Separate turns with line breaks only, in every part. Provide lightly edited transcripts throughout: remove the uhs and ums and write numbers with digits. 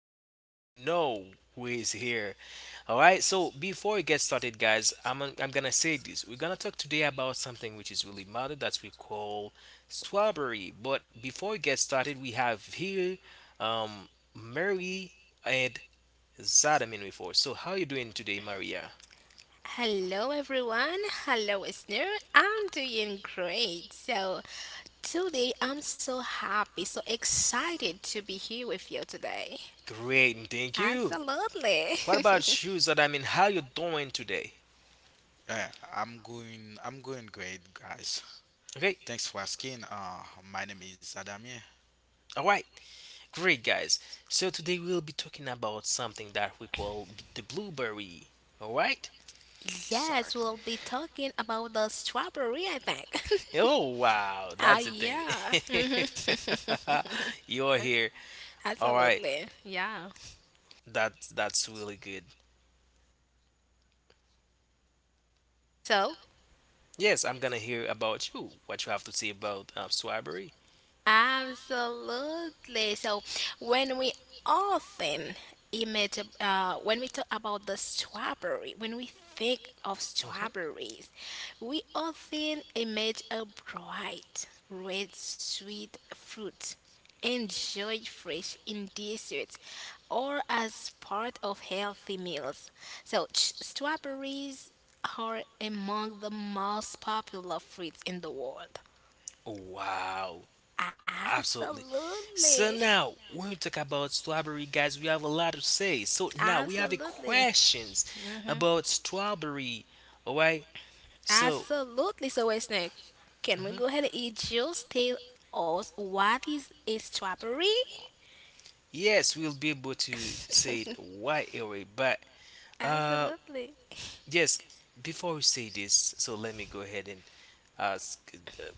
guys, you already know who is here. All right. So before we get started, guys, I'm gonna say this. We're gonna talk today about something which is really matter that we call strawberry. But before we get started, we have here um Mary and Zadamin with us. So how you doing today, Maria?
Hello everyone, hello listener. I'm doing great. Today I'm so happy, so excited to be here with you today.
Great, and thank you.
Absolutely.
What about you, Zadamin? How you doing today?
Yeah, I'm going. I'm going great, guys.
Okay.
Thanks for asking. My name is Adamie.
All right. Great, guys. So today we'll be talking about something that we call the blueberry. All right?
Yes,
Exactly.
we'll be talking about the strawberry, I think.
Oh, wow.
Ah,
That's the thing.
yeah.
You're here. All right.
Absolutely. Yeah.
That's really good.
So,
Yes, I'm gonna hear about you. What you have to say about strawberry.
Absolutely. So when we often image, when we talk about the strawberry, when we think of
Mhm.
strawberries, we often image a bright, red, sweet fruit. Enjoyed fresh in desserts or as part of healthy meals. So, strawberries are among the most popular fruits in the world.
Wow. Absolutely.
Absolutely.
So now, when we talk about strawberry, guys, we have a lot to say. So now we have a
Absolutely.
questions
hmm
about strawberry. All right. So
Absolutely. So, wait, Snake, can we
mhm.
go ahead and eat juice? Tell us, what is a strawberry?
Yes, we'll be able to say it right away. But uh,
Absolutely.
yes, before we say this, so let me go ahead and ask. Uh,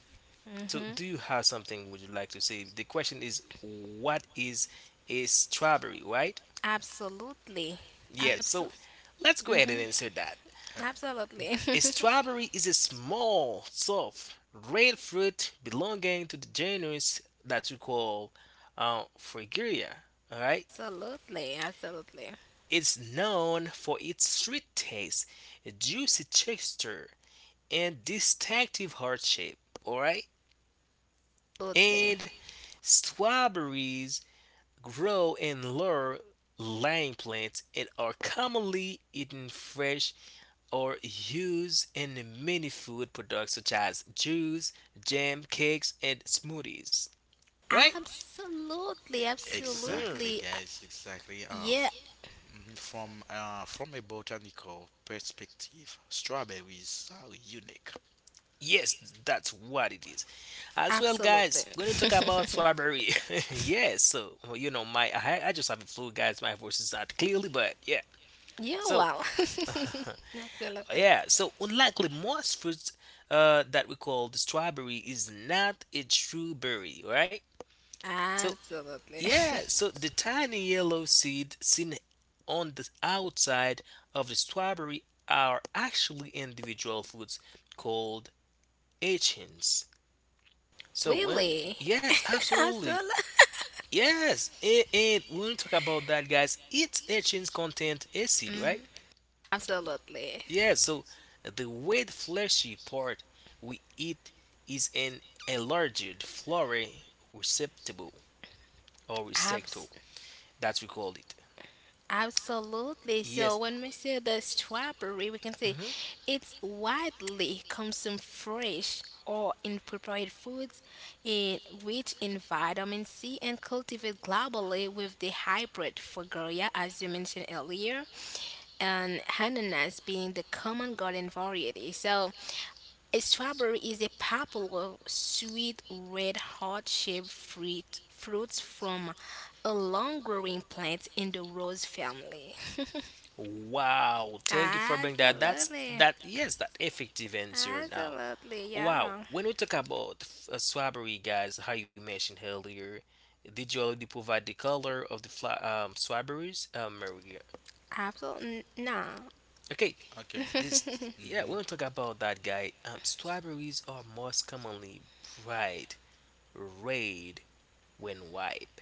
so,
hmm
do you have something would you like to say? The question is, what is a strawberry, right?
Absolutely.
Yeah.
Yes.
Absol-
So, let's go ahead and
mhm.
answer that.
uh,
Absolutely.
A
Absolutely.
strawberry is a small, soft, red fruit belonging to the genus that we call Fragaria. All right,
Absolutely.
it's known for its sweet taste, a juicy texture, and distinctive heart shape. All right,
Absolutely.
and strawberries grow in lower lying plants and are commonly eaten fresh or used in many food products such as juice, jam, cakes, and smoothies. Right?
Absolutely.
Mhm.
Exactly,
Absolutely.
guys. Exactly.
Yeah,
From a botanical perspective, strawberries are unique.
Yes, that's what it is. As well, guys,
absolutely.
we're gonna talk about strawberry. Yes, so well, you know, I just have a flu, guys. My voice is not clearly, but yeah.
You're
So
well. Absolutely.
yeah, so unlikely most fruits that we call the strawberry is not a true berry, right? So
Absolutely.
yeah, so the tiny yellow seeds seen on the outside of the strawberry are actually individual fruits called achins. So when
Really?
Yes, absolutely.
Absolutely.
Yes, and when we talk about that, guys, its achins content acid,
Mhm.
right?
Absolutely.
Yeah, so the red fleshy part we eat is an enlarged flowery receptacle or
Abs-
receptacle. That's we call it.
Absolutely. So
Yes.
when we say the strawberry, we can say
Mhm.
it's widely consumed fresh or in prepared foods, in rich in vitamin C, and cultivated globally, with the hybrid Fogoria, as you mentioned earlier, and ananas being the common garden variety. So a strawberry is a popular sweet red heart-shaped fruit. Fruits from a long-growing plant in the rose family.
Wow, thank you for bringing that. That's
Absolutely.
that. Yes, that effective answer. Now,
Absolutely,
wow.
yeah.
When we talk about strawberry, guys, how you mentioned earlier, did you already provide the color of the strawberries, Maria?
Absolutely. No.
Okay,
Okay.
this. Yeah, when
Mhm.
we talk about that, guy, strawberries are most commonly bright red when ripe.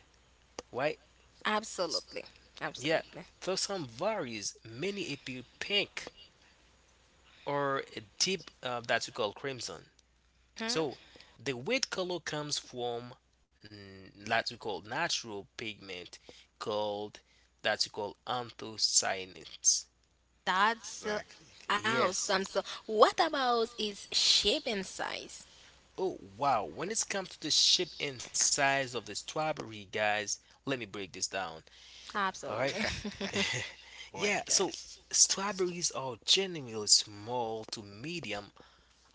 Why?
Absolutely.
Yeah,
Absolutely.
though some varies, many appear pink or a deep that we call crimson.
Hmm?
So the white color comes from that we call natural pigment called that we call anthocyanins.
That's the
Exactly.
Yes.
awesome. So what about its shape and size?
Oh wow, when it comes to the shape and size of the strawberry, guys, let me break this down. All right?
Absolutely.
Right,
Yeah, so
guys.
strawberries are generally small to medium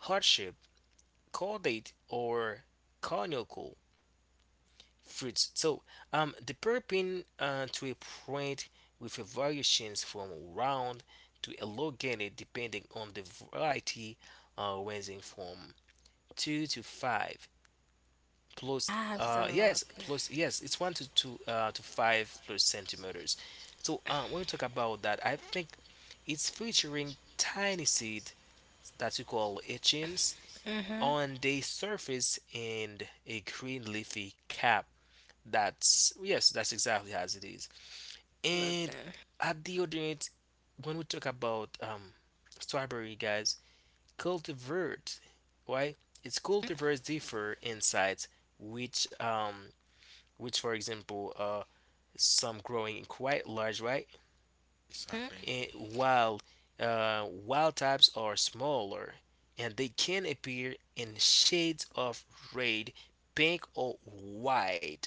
heart shape caudate or conical fruits. So the purpin to a point with a variations from round to elongated depending on the variety ranging from two to five plus yes
Absolutely.
plus yes it's one to two to five plus centimeters. So when we talk about that, I think it's featuring tiny seed that we call etchings
Mm-hmm.
on the surface and a green leafy cap. That's yes, that's exactly as it is. And
Absolutely.
a deodorant, when we talk about strawberry, guys, cultivars, why? It's cultivars differ in size, which um, which for example, some growing quite large, right?
Mhm.
Exactly.
Eh, while wild types are smaller and they can appear in shades of red, pink, or white.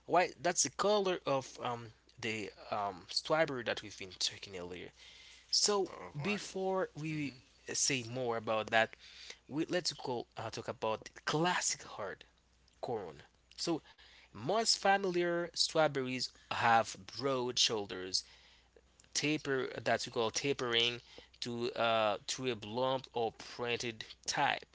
White that's the color of the striper that we've been talking earlier. So
All right.
before we
Mhm.
say more about that, we let's go talk about classic hard corn. So most familiar strawberries have broad shoulders taper that we call tapering to a blunt or printed type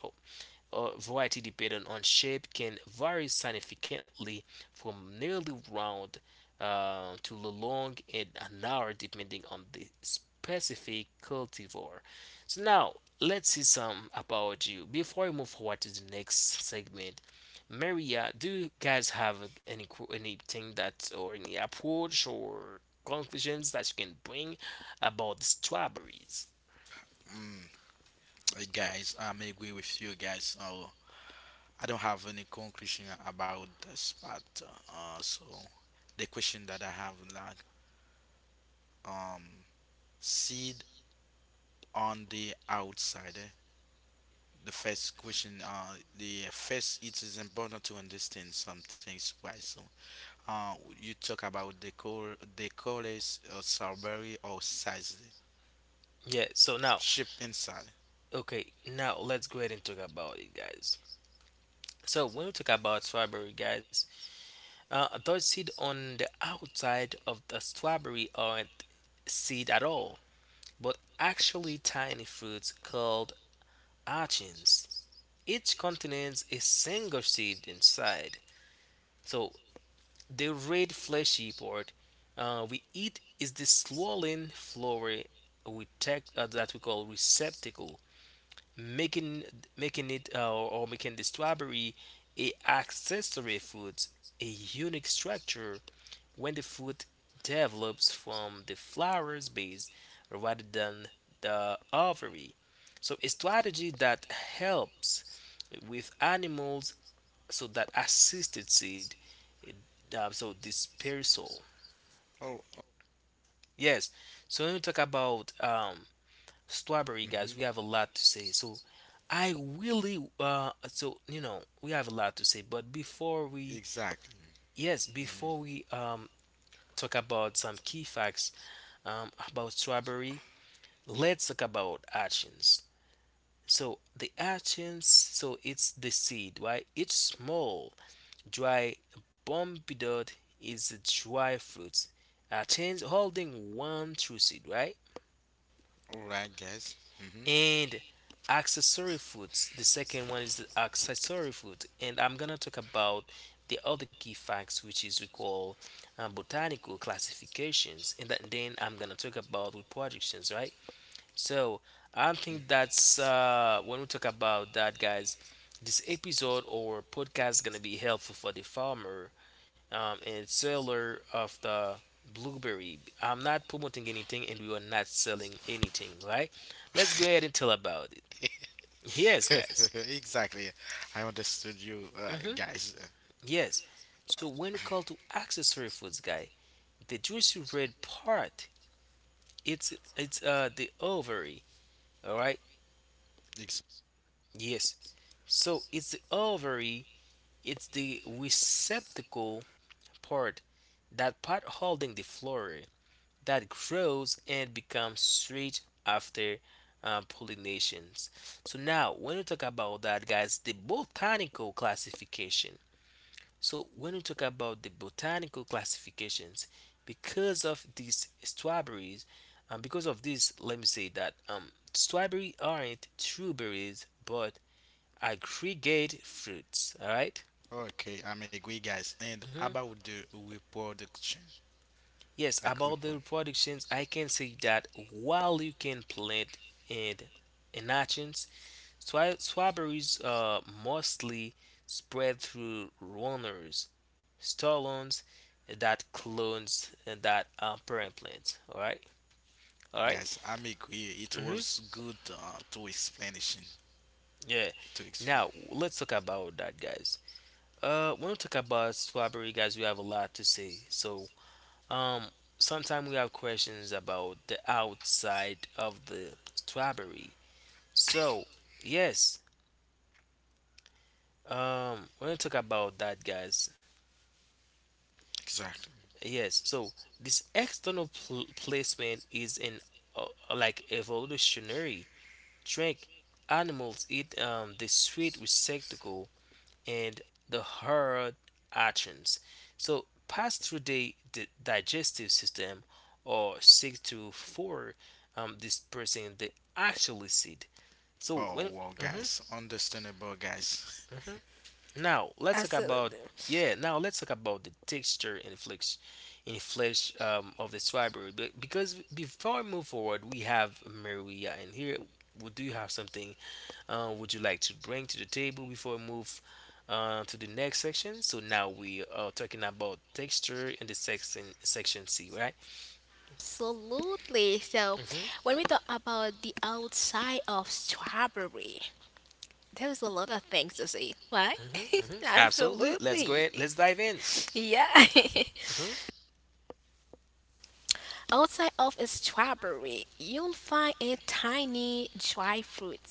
variety dependent on shape can vary significantly from nearly round to long and narrow depending on the specific cultivar. So now let's see some about you. Before we move forward to the next segment, Maria, do you guys have any anything that or any approach or conclusions that you can bring about strawberries?
Mm, Guys, I'm agree with you guys. I don't have any conclusion about this part. So the question that I have, like, um seed on the outside. Eh? The first question, the first it is important to understand some things. Why? So you talk about the color, the colors, strawberry or size,
Yeah,
eh?
so now,
Shape inside.
okay, now let's go ahead and talk about it, guys. So when we talk about strawberry, guys, those seed on the outside of the strawberry aren't seed at all, but actually tiny fruits called achins. Each contains a single seed inside. So the red fleshy part we eat is the swollen flower we take, that we call receptacle. making making it or making the strawberry a accessory fruit a unique structure when the fruit develops from the flower's base rather than the ovary, so a strategy that helps with animals so that assisted seed, so dispersal.
Oh,
Yes, so when we talk about strawberry,
oh,
guys,
mm-hmm.
we have a lot to say. So I really so you know we have a lot to say, but before we,
Exactly.
yes,
Mm-hmm.
before we talk about some key facts about strawberry, let's talk about actions. So the actions, so it's the seed, right? It's small, dry, bumpy dot, is a dry fruit, a change holding one true seed, right?
All right, guys. Mm-hmm.
And accessory foods. The second one is the accessory food, and I'm gonna talk about the other key facts, which is we call botanical classifications, and that, then I'm gonna talk about reproductions, right? So I think that's when we talk about that, guys. This episode or podcast is gonna be helpful for the farmer and seller of the blueberry. I'm not promoting anything and we are not selling anything, right? Let's go ahead and tell about it. Yes, guys.
exactly. I understood you,
Mm-hmm.
guys.
Yes. So when we call to accessory foods, guy, the juicy red part, it's the ovary. All right.
Ex-
Yes. So it's the ovary. It's the receptacle part, that part holding the flower, that grows and becomes sweet after pollinations. So now, when you talk about that, guys, the botanical classification. So when you talk about the botanical classifications, because of these strawberries, because of this, let me say that strawberry aren't true berries, but aggregate fruits. All right?
Okay, I'm agree, guys. And
Mhm.
about the reproduction,
Yes,
like
about
repro.
the reproductions, I can say that while you can plant and an Strawberries are mostly spread through runners, stolons that clones that parent plants. All right, all right.
Guys, I'm agree. It
Mm-hmm.
was good to explanation.
Yeah.
To explain.
Now let's talk about that, guys. When we talk about strawberry, guys, we have a lot to say. So, um, sometimes we have questions about the outside of the strawberry. So, yes, we're gonna talk about that, guys.
Exactly.
Yes, so this external placement is an uh, like evolutionary trick. Animals eat the sweet receptacle and the hard actions. So pass through the digestive system or seek to for dispersing the actual seed. So
Wow,
when
wow,
Mhm.
guys. Understandable, guys.
Now let's talk about
Absolutely.
yeah. Now let's talk about the texture and flesh, in flesh of the strawberry. But because before we move forward, we have Maria in here. Would do you have something? Would you like to bring to the table before we move to the next section? So now we are talking about texture in the section C, right?
Absolutely. So,
hmm
when we talk about the outside of strawberry, there's a lot of things to see, right?
Absolutely. Let's go
Absolutely.
ahead. Let's dive in.
Yeah.
hmm
Outside of a strawberry, you'll find a tiny dry fruit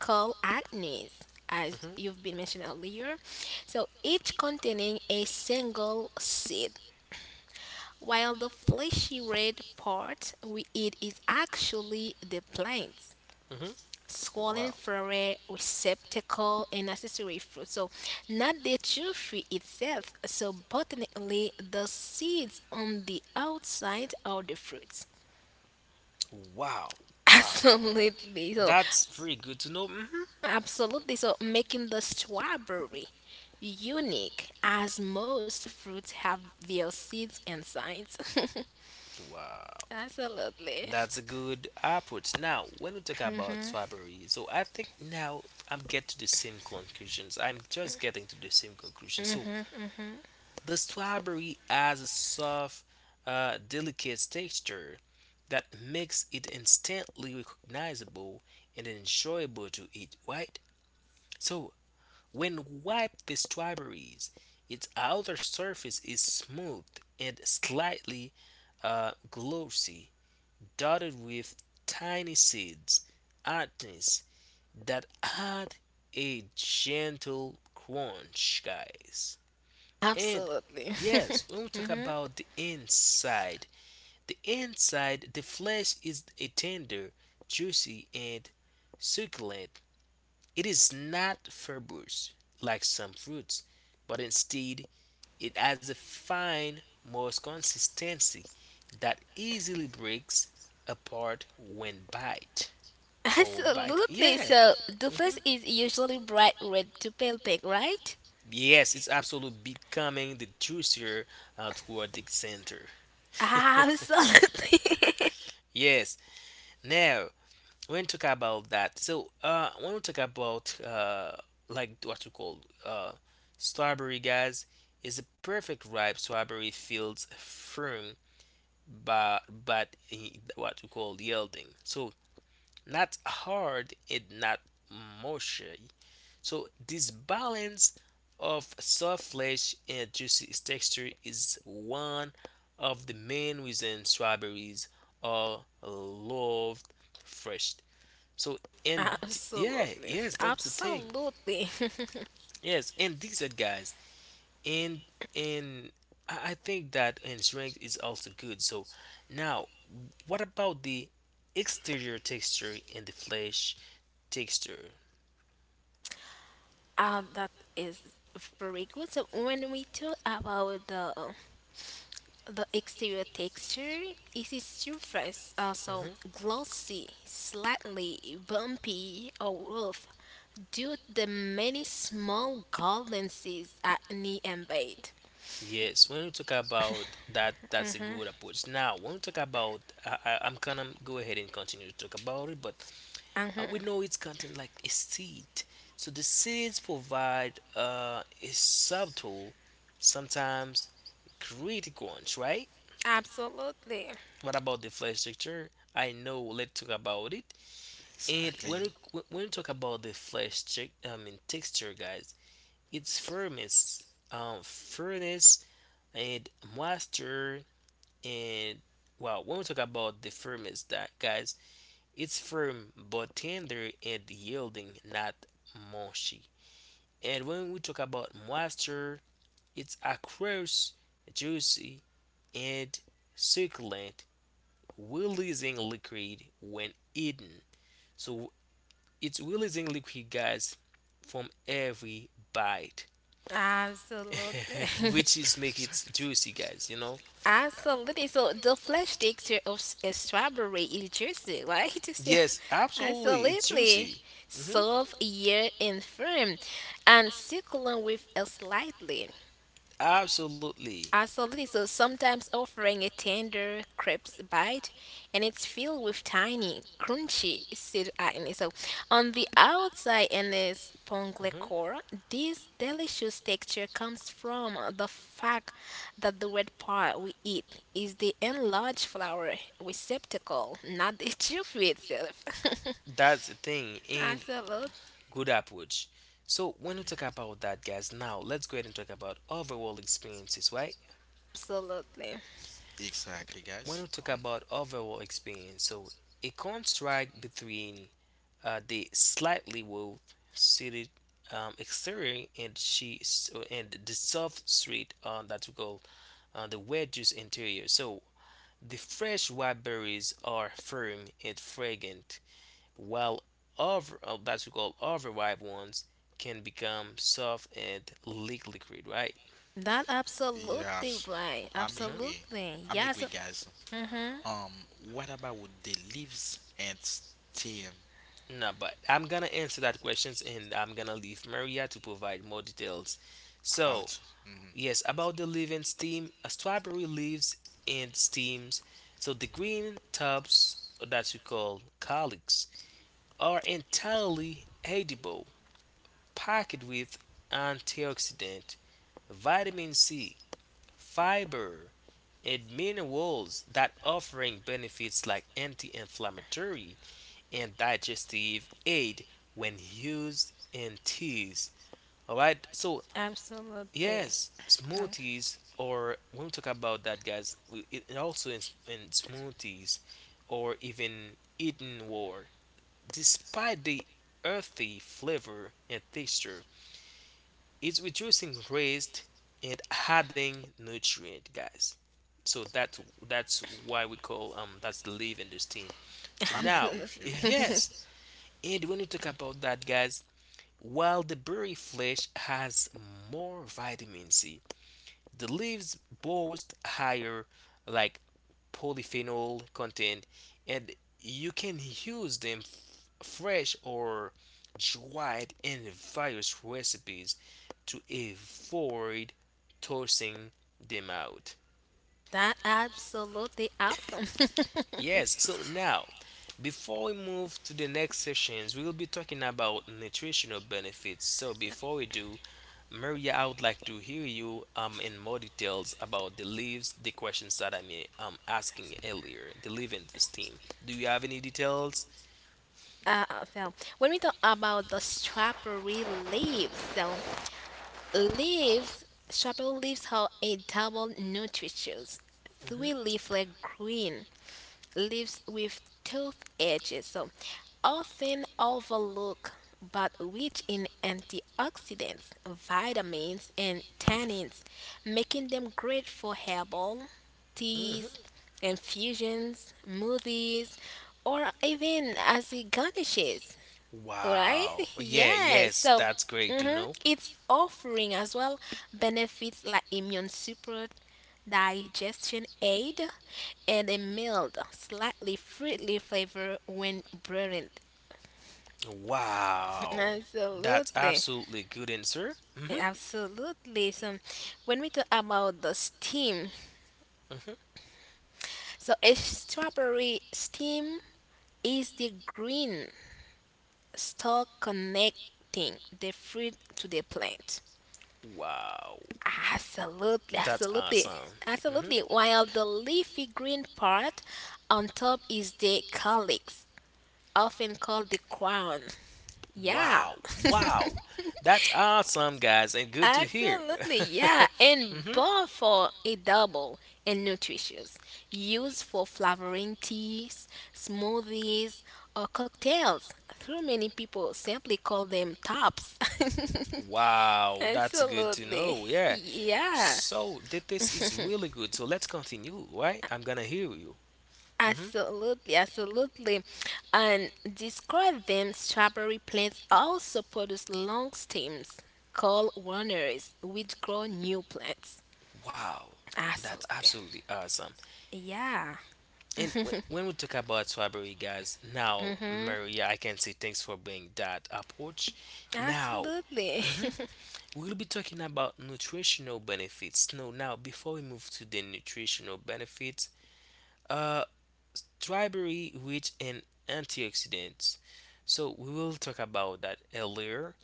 called acnes, as
hmm
you've been mentioned earlier. So, each containing a single seed, while the fleshy red part we eat is actually the plant.
hmm
Swollen
Wow.
flower receptacle and accessory fruit. So, not the true tree itself. So, botanically, the seeds on the outside are the fruits.
Wow, wow.
Absolutely. So,
That's amazing. Very good to know.
absolutely. So, making the strawberry unique, as most fruits have their seeds and sides.
Wow,
Absolutely.
that's a good approach. Now, when we talk about February, so I think now I'm get to the same conclusions. I'm just getting to the same conclusion. So
Mm-hmm.
the strawberry has a soft, delicate texture that makes it instantly recognizable and enjoyable to eat. Right? So when wiped with strawberries, its outer surface is smooth and slightly glossy, dotted with tiny seeds, hardness that add a gentle crunch, guys. And
Absolutely.
yes, when we talk about the inside, the inside, the flesh is a tender, juicy, and succulent, it is not fibrous like some fruits, but instead it has a fine, moist consistency that easily breaks apart when bite or bite.
Absolutely.
Yeah.
So the
hmm
place is usually bright red to pale pink, right?
Yes, it's absolutely becoming the juicier toward the center.
Absolutely.
Yes. Now, when you talk about that, so when we talk about like what you call uh strawberry, guys, is a perfect ripe strawberry feels firm but what you call yielding, so not hard and not mushy. So this balance of soft flesh and juicy texture is one of the main reasons strawberries are loved fresh. So and yeah,
Absolutely.
yes, that's the thing.
Absolutely.
Yes, and these are guys. And and I think that and strength is also good. So now, what about the exterior texture and the flesh texture?
That is very good. So when we talk about the exterior texture, it is surface also
Mhm.
glossy, slightly bumpy or rough due to the many small golden seeds at knee and bed.
Yes, when we talk about that, that's a good approach. Now, when we talk about, I'm gonna go ahead and continue to talk about it, but we
Mhm.
know it's contained like a seed. So the seeds provide a subtle, sometimes critical ones, right?
Absolutely.
What about the flesh structure? I know. Let's talk about it. And when
exactly.
we talk about the flesh, check, I mean texture, guys, it's firmness, firmness, and moisture, and wow. When we talk about the firmness, that guys, it's firm but tender and yielding, not mushy. And when we talk about moisture, it's across, juicy, and succulent, releasing liquid when eaten. So it's releasing liquid, guys, from every bite.
Absolutely.
Which is make it
Exactly.
juicy, guys. You know,
Absolutely. So the flesh texture of a strawberry is juicy, right? So,
yes, absolutely, it's
absolutely.
juicy. Hmm.
Soft, yet and firm, and succulent with a slightly
Absolutely.
absolutely. So sometimes offering a tender crisp bite, and it's filled with tiny, crunchy seed acne. So on the outside in this pongle
Hmm.
core, this delicious texture comes from the fact that the red part we eat is the enlarged flower receptacle, not the tube itself.
That's the thing, and
Absolutely.
good approach. So when we talk about that, guys, now let's go ahead and talk about overall experiences, right?
Absolutely.
Exactly, guys.
When we talk
Um,
about overall experience, so a contrast between the slightly well-suited exterior and she so- and the soft street that we call the wedges interior. So the fresh wild berries are firm and fragrant, while other, that's we call other ripe ones can become soft and leak liquid, right?
That absolutely
yes,
right.
I'm
Hmm.
agree.
Absolutely.
I'm agree,
Yes.
guys.
Mm-hmm.
Um, what about with the leaves and stem?
No, but I'm gonna answer that questions and I'm gonna leave Maria to provide more details. So,
About, mm,
yes, about the leaf and stem, a strawberry leaves and stems. So the green tops that we call calyx are entirely edible, packed with antioxidant, vitamin C, fiber, and minerals that offering benefits like anti-inflammatory and digestive aid when used in teas. All right, so
Absolutely.
yes,
No.
smoothies or when we talk about that, guys, we- it also in smoothies or even eaten war. Despite the earthy flavor and texture, it's reducing waste and adding nutrient, guys. So that's why we call that's the leaf and the stem. So
I'm
now,
agree with
Absolutely.
you guys.
yes, and when you talk about that, guys, while the berry flesh has more vitamin C, the leaves boast higher like polyphenol content and you can use them f- fresh or dried in various recipes to avoid tossing them out.
That absolutely awesome.
Yes, so now, before we move to the next sessions, we will be talking about nutritional benefits. So before we do, Maria, I would like to hear you in more details about the leaves, the questions that I'm asking earlier, the leave in the steam. Do you have any details?
uh, so when we talk about the strawberry leaves, so leaves, strawberry leaves have a double nutritious, three
Hmm.
leaflet green leaves with toothed edges. So often overlooked, but rich in antioxidants, vitamins, and tannins, making them great for herbal
Hmm.
teas, infusions, smoothies, or even as it garnishes. Right?
Wow. Yeah,
Yes.
yes,
So
that's great to know.
it's offering as well benefits like immune support, digestion aid, and a mild, slightly fruity flavor when brewed.
Wow. That's
Absolutely,
absolutely good answer. Hmm.
absolutely. So, when we talk about the steam,
Hmm.
so a strawberry steam is the green stalk connecting the fruit to the plant.
Wow.
Absolutely,
That's
absolutely,
awesome. Hmm.
absolutely. While the leafy green part on top is the calyx, often called the crown. Yeah.
Wow. Wow. That's awesome, guys, and good to hear.
Absolutely, yeah. And
Hmm.
bar for a double and nutritious. Used for flavoring teas, smoothies, or cocktails. Though many people simply call them tops.
Wow. That's good to
Absolutely.
know. Yeah.
Yeah.
So, th- this is really good. So, let's continue, right? I'm going to hear you. Hmm.
Absolutely, absolutely. And describe them strawberry plants also produce long stems called runners, which grow new plants.
Wow, that's
Absolutely.
absolutely awesome.
Yeah.
And w- when we talk about strawberry, guys, now,
Mm-hmm.
Maria, I can say thanks for bringing that approach. Now,
Absolutely.
mm-hmm. We'll be talking about nutritional benefits. No, now before we move to the nutritional benefits, uh, strawberry rich in antioxidants. So we will talk about that earlier.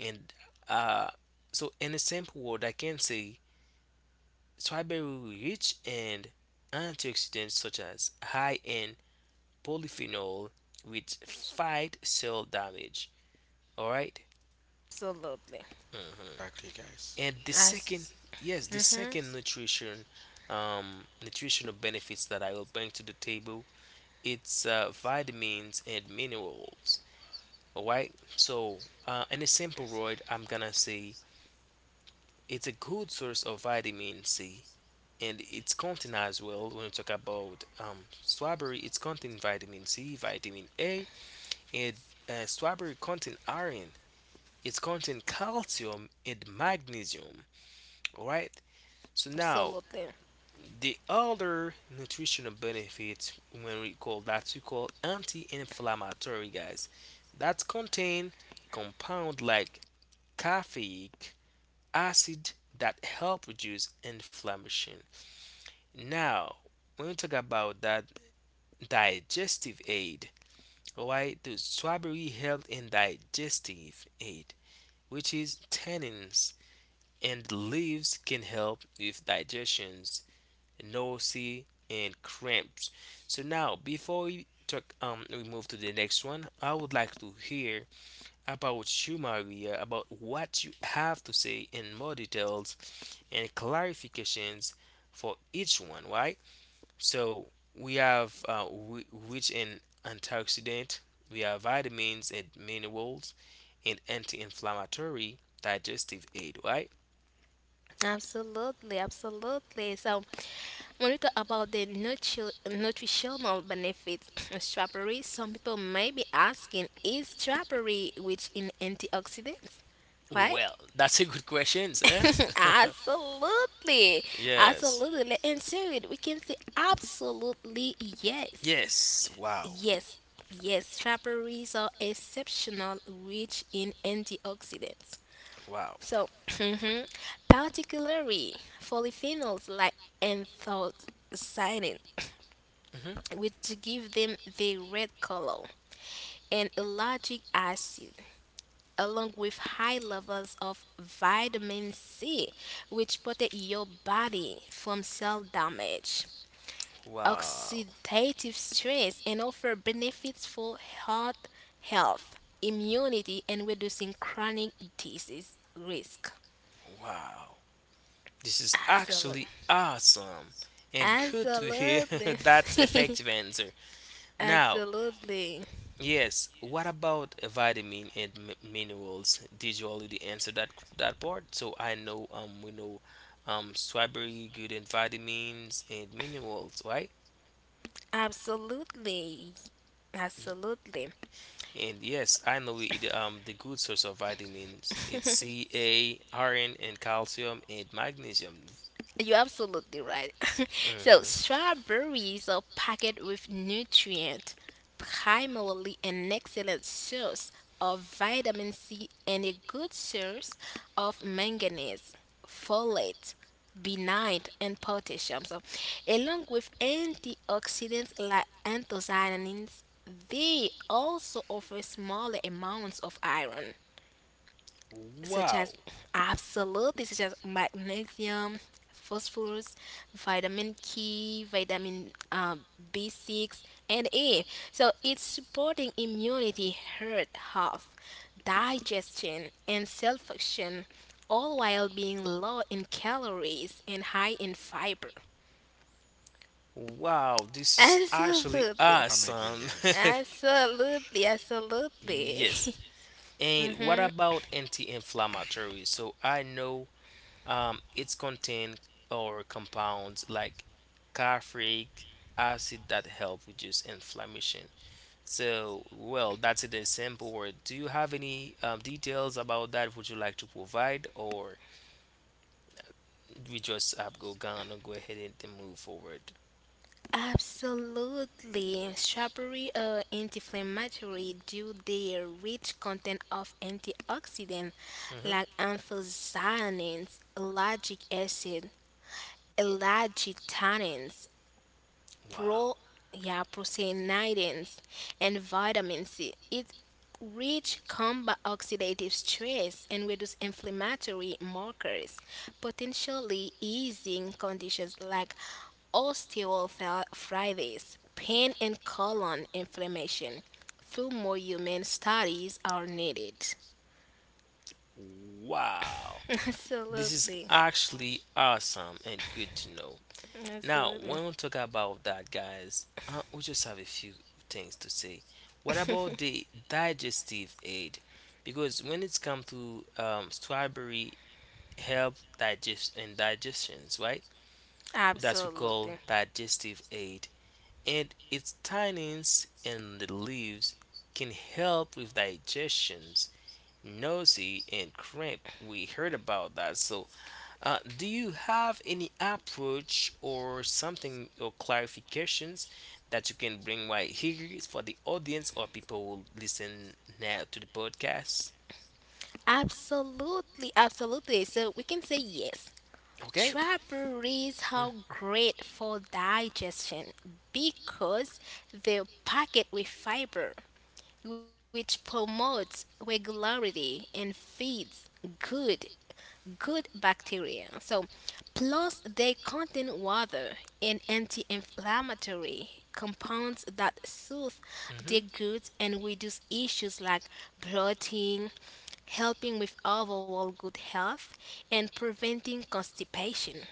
And uh, so in a simple word, I can say strawberry rich in antioxidants such as high in polyphenol, which fight cell damage. All right.
Absolutely.
Mm-hmm.
Exactly, guys.
And the second,
As
yes, the
mm-hmm.
second nutrition, nutritional benefits that I will bring to the table, it's vitamins and minerals. All right. So, in a simple word, I'm gonna say it's a good source of vitamin C, and it's contain as well. When we talk about strawberry, it's contain vitamin C, vitamin A, and strawberry contain iron. It's contain calcium and magnesium. All right. So now
Absolutely.
the other nutritional benefits when we call anti-inflammatory guys that contain compound like caffeic acid that help reduce inflammation. Now, when we talk about that digestive aid, right? The strawberry help in digestive aid, which is tannins and leaves can help with digestions nausea, and cramps. So now, before we talk, we move to the next one, I would like to hear about you, Maria, about what you have to say in more details and clarifications for each one, right? So we have wi- rich in antioxidant, we have vitamins and minerals, and anti-inflammatory digestive aid, right?
Absolutely, absolutely. So, when we talk about the nutritional benefits of strawberry, some people may be asking, is strawberry rich in antioxidants? Right?
Well, that's a good question, eh?
Absolutely,
yes.
absolutely. And so we can say absolutely yes.
Yes. Wow.
Yes, yes, strawberries are exceptional rich in antioxidants.
Wow.
So, mhm, particularly polyphenols like anthocyanin,
Mhm.
which give them the red color, and ellagic acid, along with high levels of vitamin C, which protect your body from cell damage,
Wow.
oxidative stress, and offer benefits for heart health, immunity, and reducing chronic disease risk.
Wow. This is
Absolutely.
actually awesome and good to hear
Absolutely.
that effective answer. Now,
Absolutely.
yes, what about vitamin and mi- minerals? Did you already answer that part? So I know we know strawberry good in vitamins and minerals, right?
Absolutely. Absolutely.
And yes, I know it, the good source of vitamins. It's C, A, iron, and calcium, and magnesium.
You're absolutely right. So,
Hmm.
strawberries are packed with nutrients, primarily an excellent source of vitamin C and a good source of manganese, folate, benite, and potassium. So, along with antioxidants like anthocyanins, they also offer smaller amounts of iron, such
Wow.
as absolutely such as magnesium, phosphorus, vitamin k, vitamin B6, and a, so it's supporting immunity, heart health, digestion, and cell function, all while being low in calories and high in fiber.
Wow, this is actually
Absolutely.
I'm agree,
awesome.
guys.
Absolutely. Absolutely.
yes. And what
hmm
about anti inflammatory? So I know it's contain or compounds like caffeic acid that help reduce inflammation. So, well, that's it, a simple word. Do you have any details about that? Would you like to provide, or we just go gonna go ahead and then move forward?
Absolutely. Strawberry are anti-inflammatory due their rich content of antioxidants like
Hmm.
anthocyanins, ellagic acid, ellagitannins,
Wow.
pro yeah procyanidins, and vitamin C. It's rich combat oxidative stress and reduce inflammatory markers, potentially easing conditions like osteoarthritis, pain, and colon inflammation. Few more human studies are needed.
Wow, this is
Absolutely.
actually awesome and good to know. Now,
Absolutely.
when we talk about that, guys, we just have a few things to say. What about the digestive aid? Because when it's come to strawberry, help digest and digestions, right? That's we call
Absolutely.
digestive aid, and its tannins and the leaves can help with digestions, nausea, and cramp. We heard about that, so do you have any approach or something or clarifications that you can bring right here for the audience or people who listen now to the podcast?
Absolutely. Absolutely. So we can say yes.
Okay.
Strawberries are
Hmm.
great for digestion because they're packed with fiber, which promotes regularity and feeds good good bacteria. So, plus they contain water and anti-inflammatory compounds that soothe the gut and reduce issues like bloating, helping with overall good health, and preventing constipation.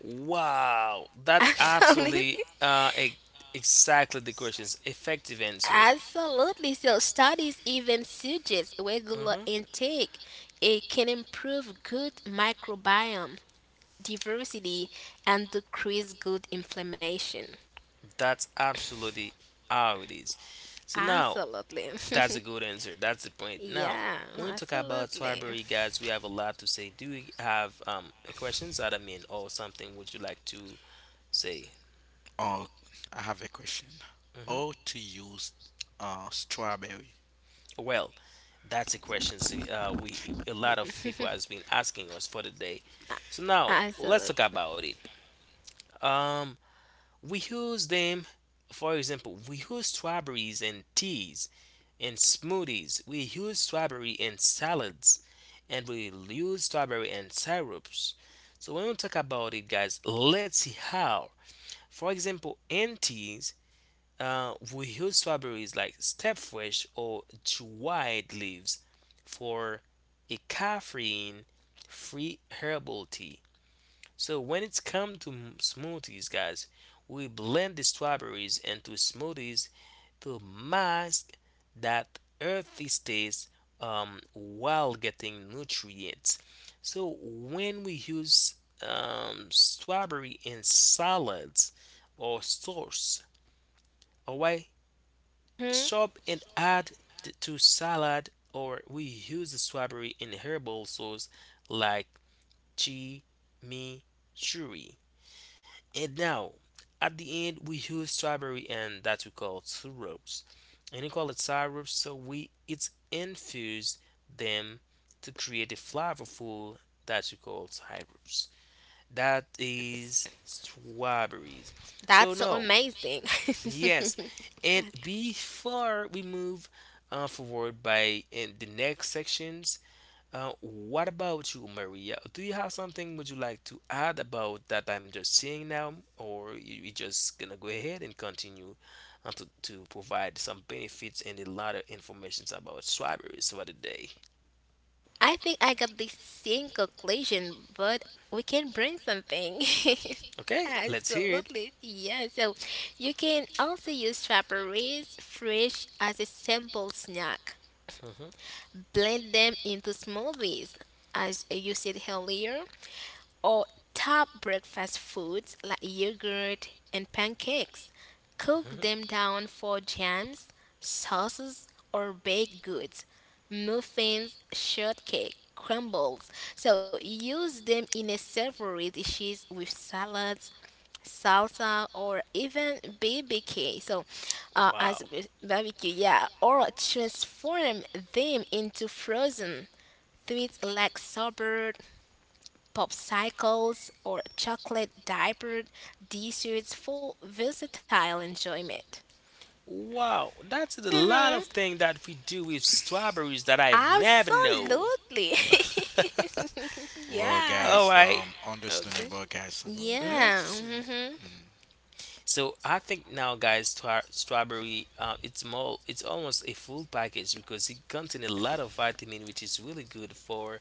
Wow, that
Absolutely.
absolutely e- exactly the question's effective answer.
Absolutely. So studies even suggest regular
Hmm.
intake. It can improve good microbiome diversity and decrease good inflammation.
That's absolutely how it is. So now
Absolutely.
that's a good answer. That's the point. Now,
Yeah,
when we talk about
absolutely.
Swarberry, guys, we have a lot to say. Do you have a questions that I mean, or something would you like to say?
Oh, I have a question.
Hmm.
How to use strawberry?
Well, that's a question. See, we a lot of people has been asking us for the day. So now
Absolutely.
let's talk about it. Um, we use them, for example, we use strawberries and teas in smoothies. We use strawberry in salads and we use strawberry in syrups. So when we talk about it, guys, let's see how. For example, in teas, we use strawberries like stepfresh or dried leaves for a caffeine-free herbal tea. So when it's come to m- smoothies, guys, we blend the strawberries into smoothies to mask that earthy taste while getting nutrients. So when we use strawberry in salads or sauce, alright, chop and add t- to salad, or we use the strawberry in herbal sauce like chimichurri. And now, at the end, we use strawberry and that we call syrups. And we call it syrup, so we it's infuse them to create a flavorful that we call syrups. That is strawberries. So
That's so
no,
amazing.
yes, and before we move forward by in the next section, what about you, Maria? Do you have something would you like to add about that I'm just seeing now, or you just gonna go ahead and continue to provide some benefits and a lot of informations about strawberries for the day?
I think I got the same conclusion, but we can bring something.
Okay, let's hear it.
Absolutely, yeah. So you can also use strawberries fresh as a simple snack.
Mhm,
Blend them into smoothies, as you said earlier, or top breakfast foods like yogurt and pancakes. Cook
mhm.
them down for jams, sauces, or baked goods, muffins, shortcake, crumbles. So use them in a savory dishes with salads, salsa, or even BBQ. So
Wow.
as barbecue, yeah, or transform them into frozen treats like sorbet, popsicles, or chocolate diapered desserts for versatile enjoyment.
Wow, that's a lot of
Mm-hmm.
things that we do with strawberries that I've never know.
Absolutely.
Well,
Yeah.
All
guys,
right. Okay.
understandable, guys, about
Hmm.
that.
Yeah.
See.
Mm-hmm.
Mm.
So I think now, guys, tra- strawberry it's more it's almost a full package because it contains a lot of vitamin, which is really good for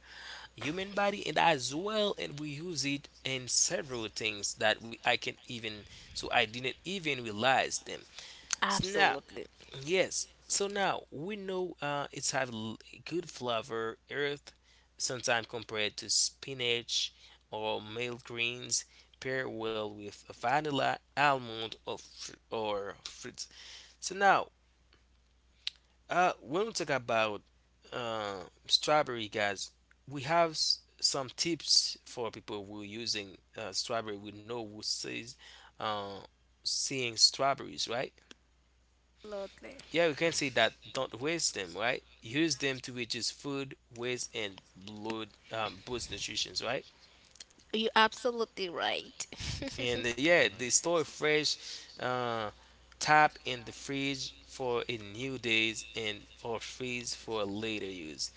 human body, and as well, and we use it in several things that we I can even so I didn't even realize them. So now
Absolutely.
yes. So now we know it's have l- good flavor, earth, sometimes compared to spinach or male greens, pair well with vanilla, almond, or fr- or fruits. So now, when we talk about uh, strawberry, guys, we have s- some tips for people who are using strawberry. We know who says uh, seeing strawberries, right?
Absolutely.
Yeah, we can say that don't waste them, right? Use them to reduce food waste and blood, boost nutrition, right?
You're absolutely right.
And yeah,
All
they
right.
store fresh uh, tap in the fridge for a new days and or freeze for later use.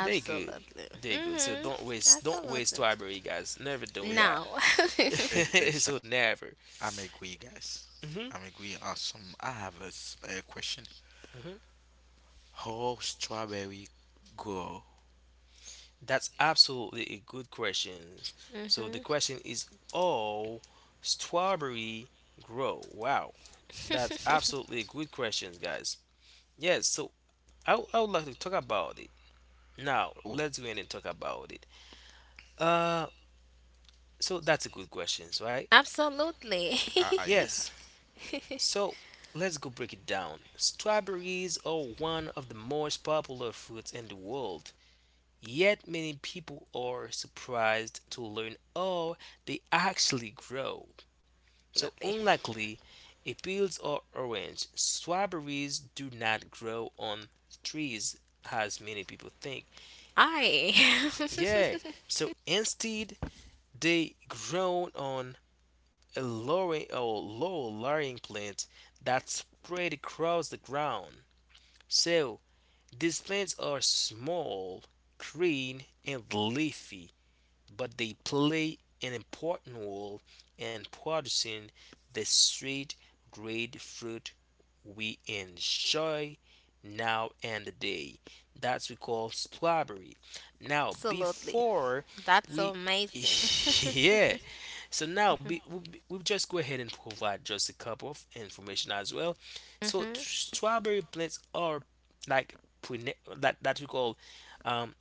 They good. They good. So
Mm-hmm.
don't waste
Absolutely.
strawberry guys. Never do that.
No.
E-
Mm-hmm.
e- exa-
so never.
I'm agree, guys.
Hmm.
I'm agree. Awesome. I have a, a question. How strawberry grow?
That's absolutely a good question. So the question is, oh, strawberry grow? Wow, that's absolutely a good question, guys. Yes, so I would like to talk about it. Now,
Oh,
let's go in and talk about it. Uh, so that's a good question, right?
Absolutely.
yeah.
Yes. So let's go break it down. Strawberries are one of the most popular fruits in the world. Yet many people are surprised to learn, oh, they actually grow. So,
Absolutely.
unlikely, apples are orange. Strawberries do not grow on trees as many people think.
I.
Yeah, so instead, they grow on a lowering or low lying plant that spread across the ground. So these plants are small, green, and leafy, but they play an important role in producing the sweet, great fruit we enjoy now and the day. That's we call strawberry. Now,
Absolutely.
before
That's so
we,
amazing.
yeah. So now be, we will just go ahead and provide just a couple of information as well. So
Mm-hmm.
strawberry plants are like prene- that we call um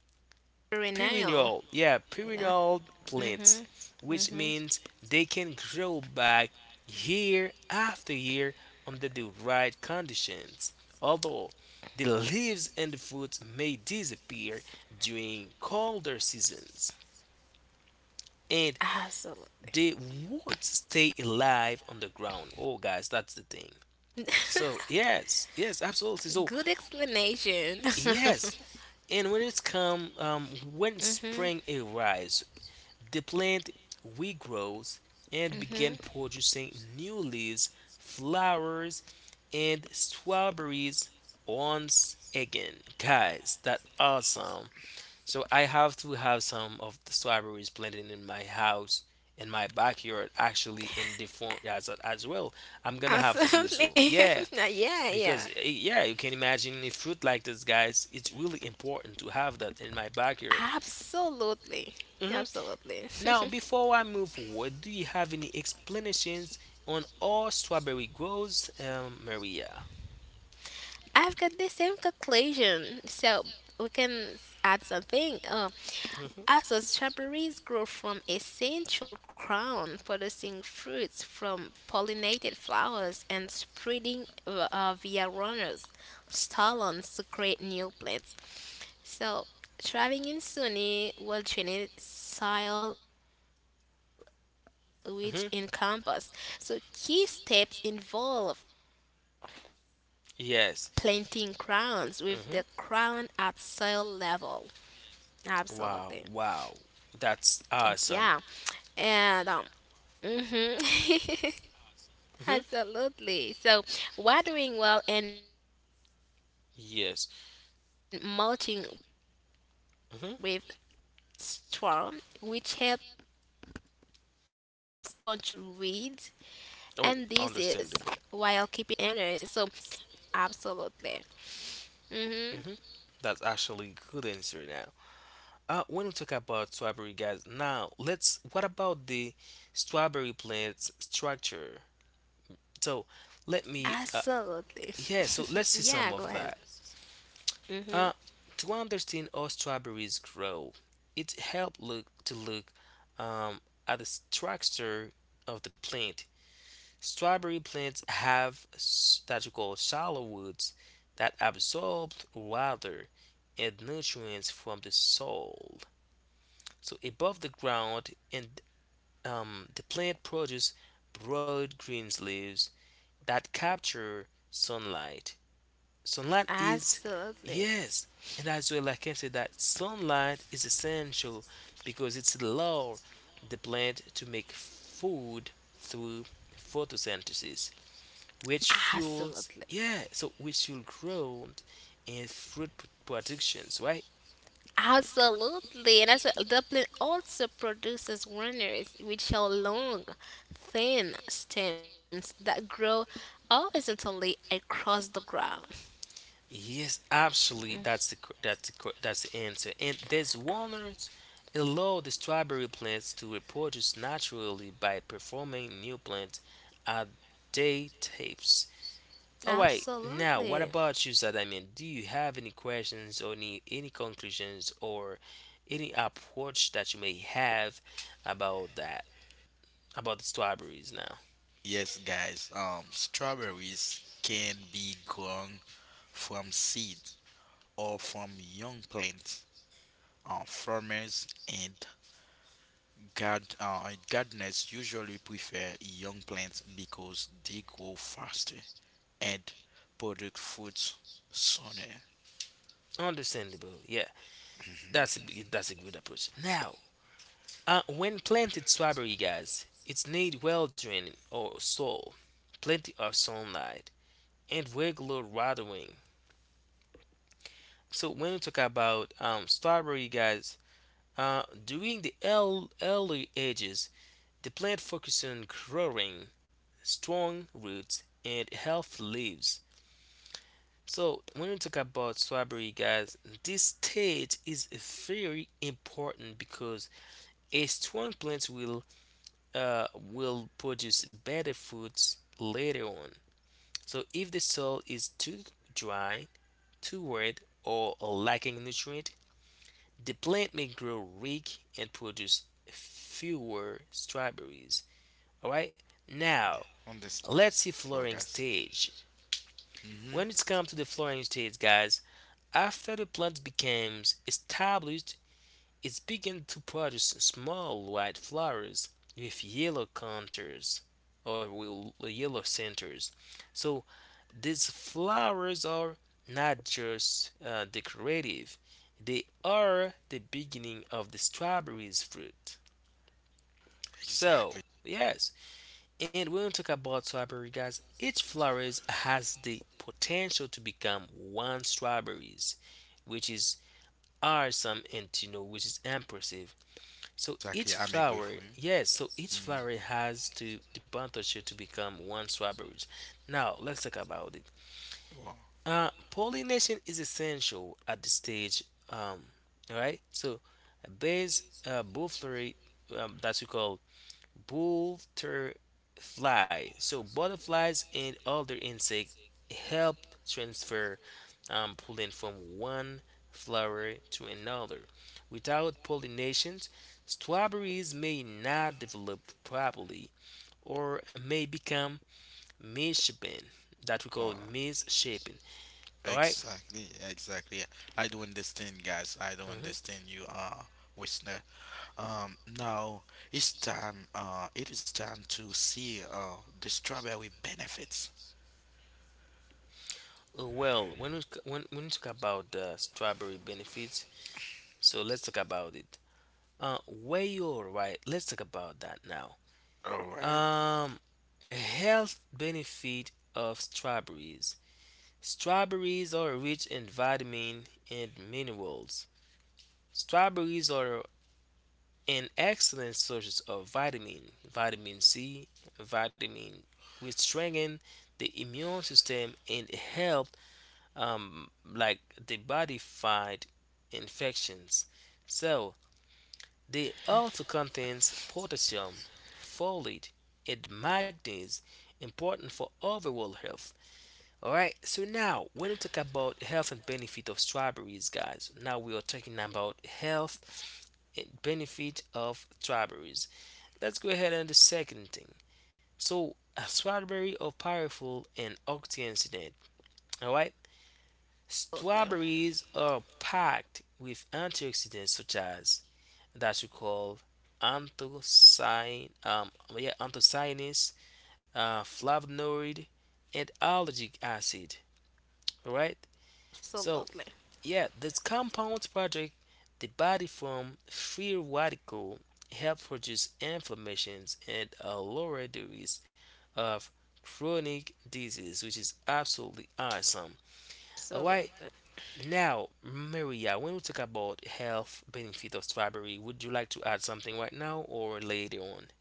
Renal.
perennial, yeah,
Yeah.
perennial
Mm-hmm.
plants, which
Mm-hmm.
means they can grow back year after year under the right conditions. Although the leaves and the fruits may disappear during colder seasons, and
Absolutely.
they would stay alive on the ground. Oh, guys, that's the thing. So yes, yes, absolutely. So
Good explanation.
yes, and when when
Mm-hmm.
spring arrives, the plant regrows and began
Mm-hmm.
producing new leaves, flowers, and strawberries once again. Guys, that awesome. So I have to have some of the strawberries planted in my house, in my backyard, actually in the front as well. I'm gonna have to do so.
Absolutely.
Yeah,
Yeah,
because
yeah.
yeah, you can imagine a fruit like this, guys. It's really important to have that in my backyard.
Absolutely.
Mhm.
Absolutely.
Now, before I move forward, do you have any explanations on how strawberry grows, Maria?
I've got the same conclusion. So we can add something.
Hmm.
Also, strawberries grow from a central crown, producing fruits from pollinated flowers and spreading via runners, stolons, to create new plants. So, thriving in sunny, well-drained soil which encompass.
Hmm.
So, key steps involve planting
Yes.
crowns with the
Hmm.
crown at soil level.
Wow, wow.
Absolutely.
That's awesome.
Yeah. And
Hmm.
mhm.
Yes.
Absolutely. So, watering well and
Hmm.
mulching with straw, which helps control weeds and
Oh,
disease while
understandable.
keeping fruit clean. Absolutely. So, harvest when red and
Hmm.
refresh plants
That's
every
actually
few
good answer
years
now.
by replanting
When we
runners.
talk about strawberry, guys,
Absolutely.
now let's. What
Mhm.
about the strawberry plant's structure? So, let me. Yeah. So let's see some of that. Uh, to understand how strawberries grow, it helps
Absolutely.
look
Yeah,
um,
go ahead.
at the structure
Mm-hmm.
of the plant. Strawberry plants have that you call shallow roots that absorb water and nutrients from the soil. So above the ground, and the plant produces broad green leaves that capture sunlight. Sunlight is, yes, and as well, like I can say that sunlight is essential because it's allow the plant to make
Absolutely.
food through photosynthesis, which fuels, yeah, so which fuel growth and fruit productions, right?
Absolutely. Absolutely. And that's what Dublin also produces runners, which are long,
Yes, absolutely.
thin stems that
That's
grow
the answer. And these
horizontally
walnuts
across the ground.
allow the strawberry plants to reproduce naturally by performing new plants at day tapes. All right, now what about you, Sadamian? Do you have any questions or any conclusions or any approach that you
Absolutely.
may have about that about the strawberries now?
Yes, guys. Strawberries can be grown from seeds or from young plants. Farmers and gardeners usually prefer young plants because they grow faster and produce fruits sooner.
Understandable, yeah. That's a good approach. Now, when planted strawberry, guys, it's need well draining or soil, plenty of sunlight, and regular watering. So when we talk about strawberry, guys, during the early ages, the plant focuses on growing strong roots and healthy leaves. So when we talk about strawberry, guys, this stage is very important because a strong plant will produce better fruits later on. So if the soil is too dry, too wet, or lacking nutrient, the plant may grow weak and produce fewer strawberries. All right. Now
Understand,
let's see flowering
guys?
stage.
Mm-hmm.
When it's come to the flowering stage, guys, after the plant becomes established, it began to produce small white flowers with yellow counters or yellow centers. So these flowers are not just decorative, they are the beginning of the strawberries fruit. So,
Exactly.
yes, and when we talk about strawberry, guys, each flower has the potential to become one strawberries, which is awesome and you know, which is impressive. So each
Exactly. I'm agree with
flower, yes, so each
you. Mhm.
flower has to the potential to become one strawberry. Now let's talk about it.
Wow.
Pollination is essential at this stage. All right. So base both flurry that we call butterfly. So butterflies and other insects help transfer pollen from one flower to another. Without pollination, strawberries may not develop properly or may become misshapen. That we call misshapen. All right?
Exactly, exactly. I do understand, guys. I do
Uh,
understand you, listener. Now it's time. It is time to see the strawberry benefits.
well, when we talk about the strawberry benefits, so let's talk about it. Where you're right, let's talk about that now.
All right.
Um, health benefit of strawberries. Strawberries are rich in vitamin and minerals. Strawberries are an excellent source of vitamin C, vitamin, which strengthen the immune system and help um like the body fight infections. So they also contains potassium, folate, and magnesium, important for overall health. All right. So now, when we talk about health and benefit of strawberries, guys, now we are talking about health and benefit of strawberries. Let's go ahead and the second thing. So, a strawberry are powerful and antioxidant. All right. Strawberries are packed with
Absolutely.
antioxidants such as that you call anthocyan yeah anthocyanins, flavonoid, and allergic acid. All right. So yeah, this compounds
Absolutely.
protect the body from free radical help reduce inflammations and lower the risk of chronic disease, which is absolutely awesome. All right. Now, Maria, when we talk about health benefit of strawberry, would you like to add something right now or later on?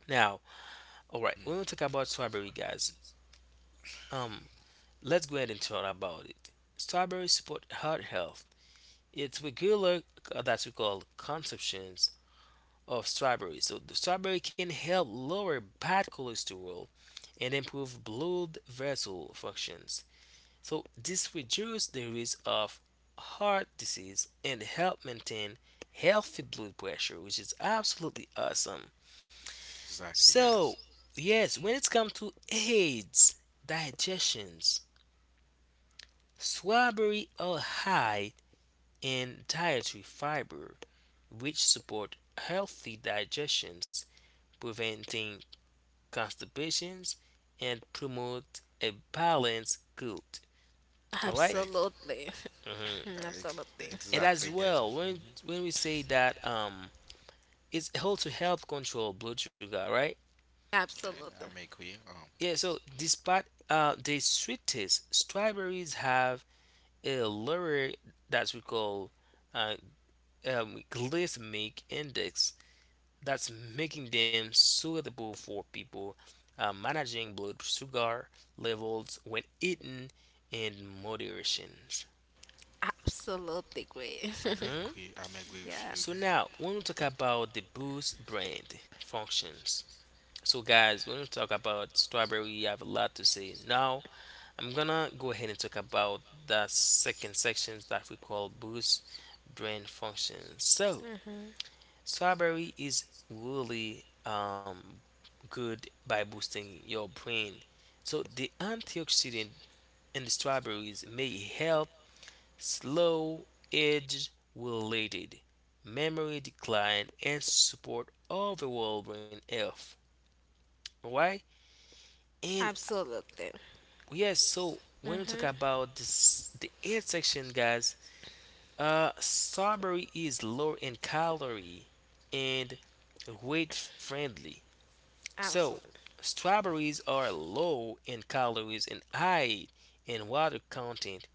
Now, all right, when we talk about strawberry, guys, um, let's go ahead and talk about it. Strawberries support heart health. It's regular That we call consumptions of strawberries. So the strawberry can help lower bad cholesterol and improve blood vessel functions. So this reduces the risk of heart disease and help maintain healthy blood pressure, which is absolutely awesome.
Exactly, so, guys.
So yes, when it comes to AIDS, digestions, strawberry are high in dietary fiber, which support healthy digestions, preventing constipations and promote a balanced gut. All right?
Like,
Mhm.
Absolutely.
ex-
Absolutely.
And as
exactly,
Absolutely.
guys.
well,
Hmm.
when we say that it's how to help control blood sugar, right?
I may agree.
Absolutely.
Yeah. So despite the sweetest, strawberries have a lower that we call uh, glycemic index. That's making them suitable for people managing blood sugar levels when eaten in moderation.
Absolutely
I
great.
may
Mm?
agree. I may agree with you, so
So
Yeah.
guys.
now, when we talk about the Boost brand functions, so, guys, when we talk about strawberry, we have a lot to say. Now, I'm gonna go ahead and talk about the second sections that we call boost brain function. So,
hmm
strawberry is really good by boosting your brain. So, the antioxidant in the strawberries may help slow age related memory decline and support overall brain health. Why? And
Absolutely.
Yes, so when we talk
hmm
about this, the eighth section, guys, strawberry is low in calorie and weight friendly. So,
Absolutely.
strawberries are low in calories and high in water content,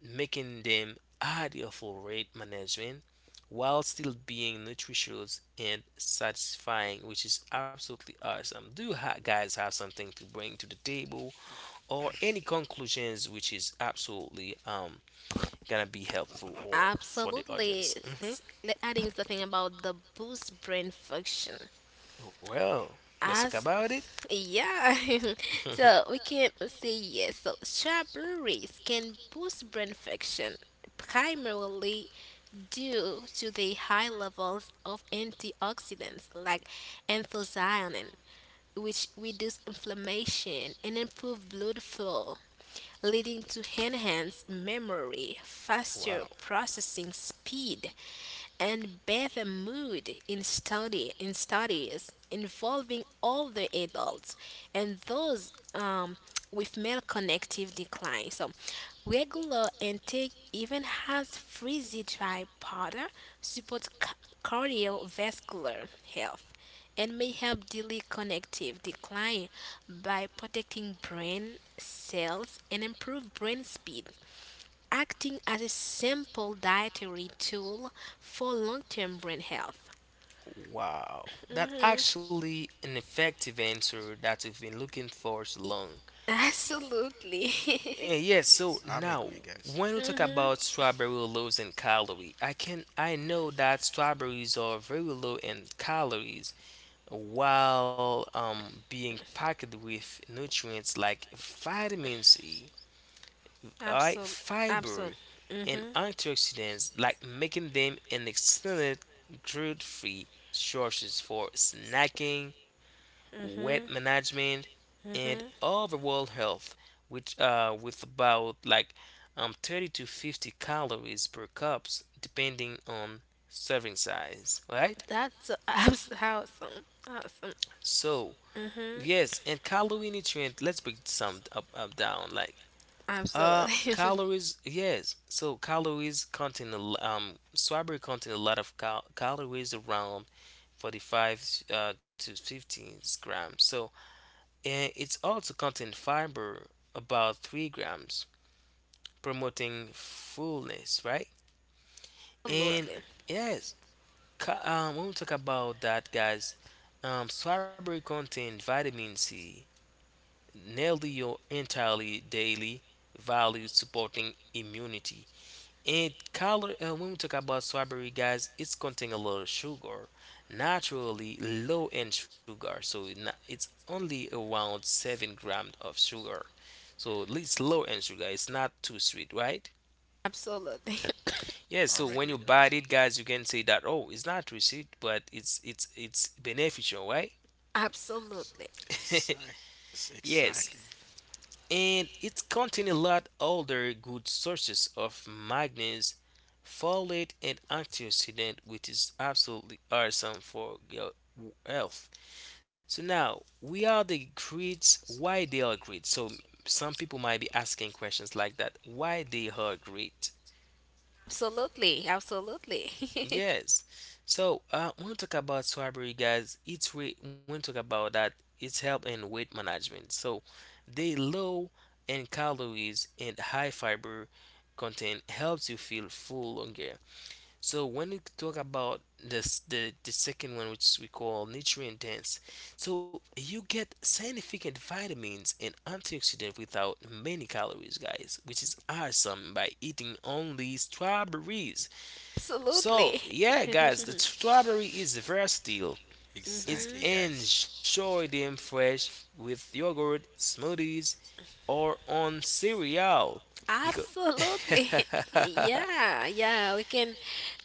making them ideal for weight management while still being nutritious and satisfying, which is absolutely awesome. Guys have something to bring to the table? Or any conclusions which is absolutely gonna be helpful or for the
Absolutely.
audience. Hmm.
Think it's the thing about the boost brain function.
Well, let's talk
As
about it.
yeah, so we can say yes. So strawberries can boost brain function, primarily due to the high levels of antioxidants like anthocyanin, which reduce inflammation and improve blood flow, leading to enhanced memory, faster
Wow.
processing speed, and better mood in study in studies involving all the adults and those with male connective decline. So regular intake even has frizzy dry powder supports cardiovascular health and may help delay connective decline by protecting brain cells and improve brain speed, acting as a simple dietary tool for long term brain health.
Wow, that's actually an effective answer that we've been looking for so
E-
long.
Absolutely.
Eh, yes, so
I'm
now
agree, guys.
when we talk
Mhm.
about strawberry lows in calorie, I know that strawberries are very low in calories while being packed with nutrients like vitamin C, all right,
Absolutely.
fiber
Absolutely.
and antioxidants, like making them an excellent gluten-free sources for snacking, weight
Mhm.
management, and
Mhm.
overall health, which with about like 30 to 50 calories per cups, depending on serving size, right?
That's awesome. Awesome.
So
Mhm.
yes, and calorie nutrient. Let's break some up down like.
Absolutely.
Calories, yes. So calories contain strawberry contain a lot of calories around 45 to 15 grams. So and it's also contain fiber about 3 grams, promoting fullness, right? And
Absolutely.
Exactly.
yes, ca when we talk about that, guys, strawberry contain vitamin C, nearly your entirely daily value supporting immunity. It color When we talk about strawberry, guys, it's contain a lot of sugar, naturally low in sugar. So it's only around 7 grams of sugar. So it's low in sugar. It's not too sweet, right?
Absolutely.
Yeah. So
I'm
when you
agree,
bite
guys.
it, guys, you can say that oh, it's not too sweet, but it's it's beneficial, right?
Absolutely.
Exactly.
Yes.
Exactly.
And it contains a lot older good sources of manganese, folate, and antioxidant, which is absolutely awesome for your health. So now we are the greats. Why they are great? So some people might be asking questions like that. Why they are great?
Absolutely. Absolutely.
Yes. So when we talk about Swabbery, guys, when we talk about that, it's help in weight management. So they low in calories and high fiber content helps you feel full longer. So when we talk about this, the second one, which we call nutrient dense, so you get significant vitamins and antioxidants without many calories, guys, which is awesome by eating only strawberries. So,
Absolutely.
yeah, guys, the strawberry is versatile. It's
Exactly,
Mhm.
guys.
enjoy them fresh with yogurt, smoothies, or on cereal. Because
Absolutely. Yeah, yeah.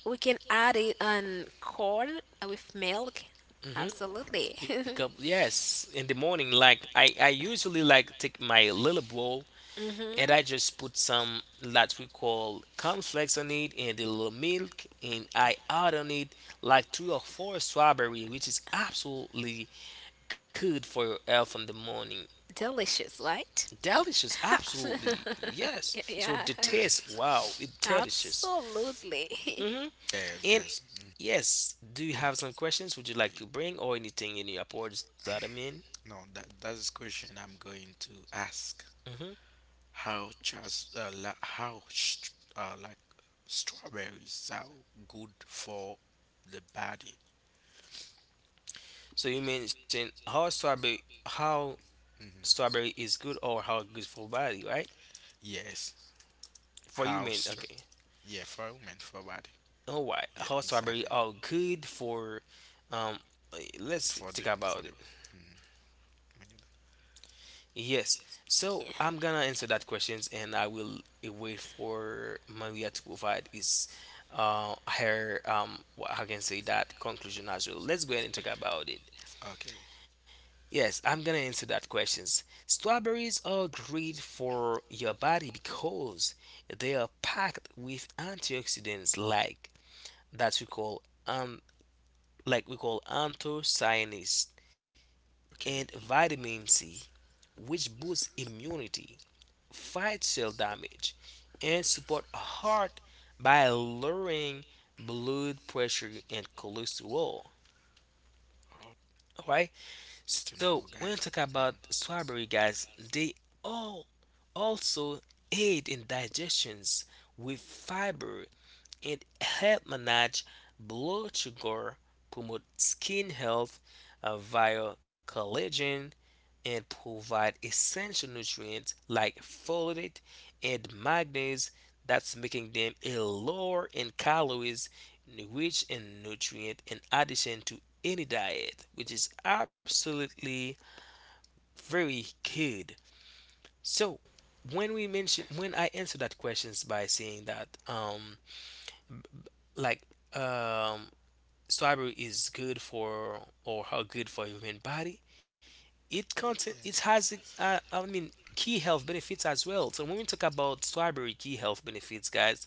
We can add it on corn with milk.
mhm,
Absolutely.
it come yes in the morning. Like I usually like take my little bowl and
hmm
I just put some that we call cornflakes on it and a little milk and I add on it like three or four strawberry which is absolutely good for your health in the morning.
Delicious, right?
Delicious, absolutely yes. So
Yeah.
the taste, wow, it delicious.
Absolutely.
Hmm
Yeah,
And
guys.
yes, do you
Mm.
have some questions? Would you like to bring or anything in your reports that I mean?
No, that that's the question I'm going to ask.
Hmm
How just like, strawberries are good for the body?
So you mentioned how
Hmm?
strawberry is good or how good for body, right?
Yes.
For you,
How
man.
str-
Okay.
yeah, for women, for body.
Oh, why?
Yeah,
Hot strawberry
exactly.
are good for. Um, let's
For the
talk
for the.
about it.
Mhm.
Yes. So I'm gonna answer that questions, and I will wait for Maria to provide is her how can say that conclusion as well. Let's go ahead and talk about it.
Okay,
Yes, I'm gonna answer that questions. Strawberries are great for your body because they are packed with antioxidants like that we call um, like we call anthocyanins, and
okay.
vitamin C, which boosts immunity, fights cell damage, and support heart by lowering blood pressure and cholesterol.
Oh,
Alright,
it's still,
so when you talk
guys.
about strawberry, guys, they all also aid in digestions with fiber and help manage blood sugar, promote skin health via collagen and provide essential nutrients like folate and manganese that's making them a lower in calories rich in nutrient in addition to any diet which is absolutely very good. So when we mention when I answer that questions by saying that like um strawberry is good for or how good for human body, it has I mean key health benefits as well. So when we talk about strawberry key health benefits, guys,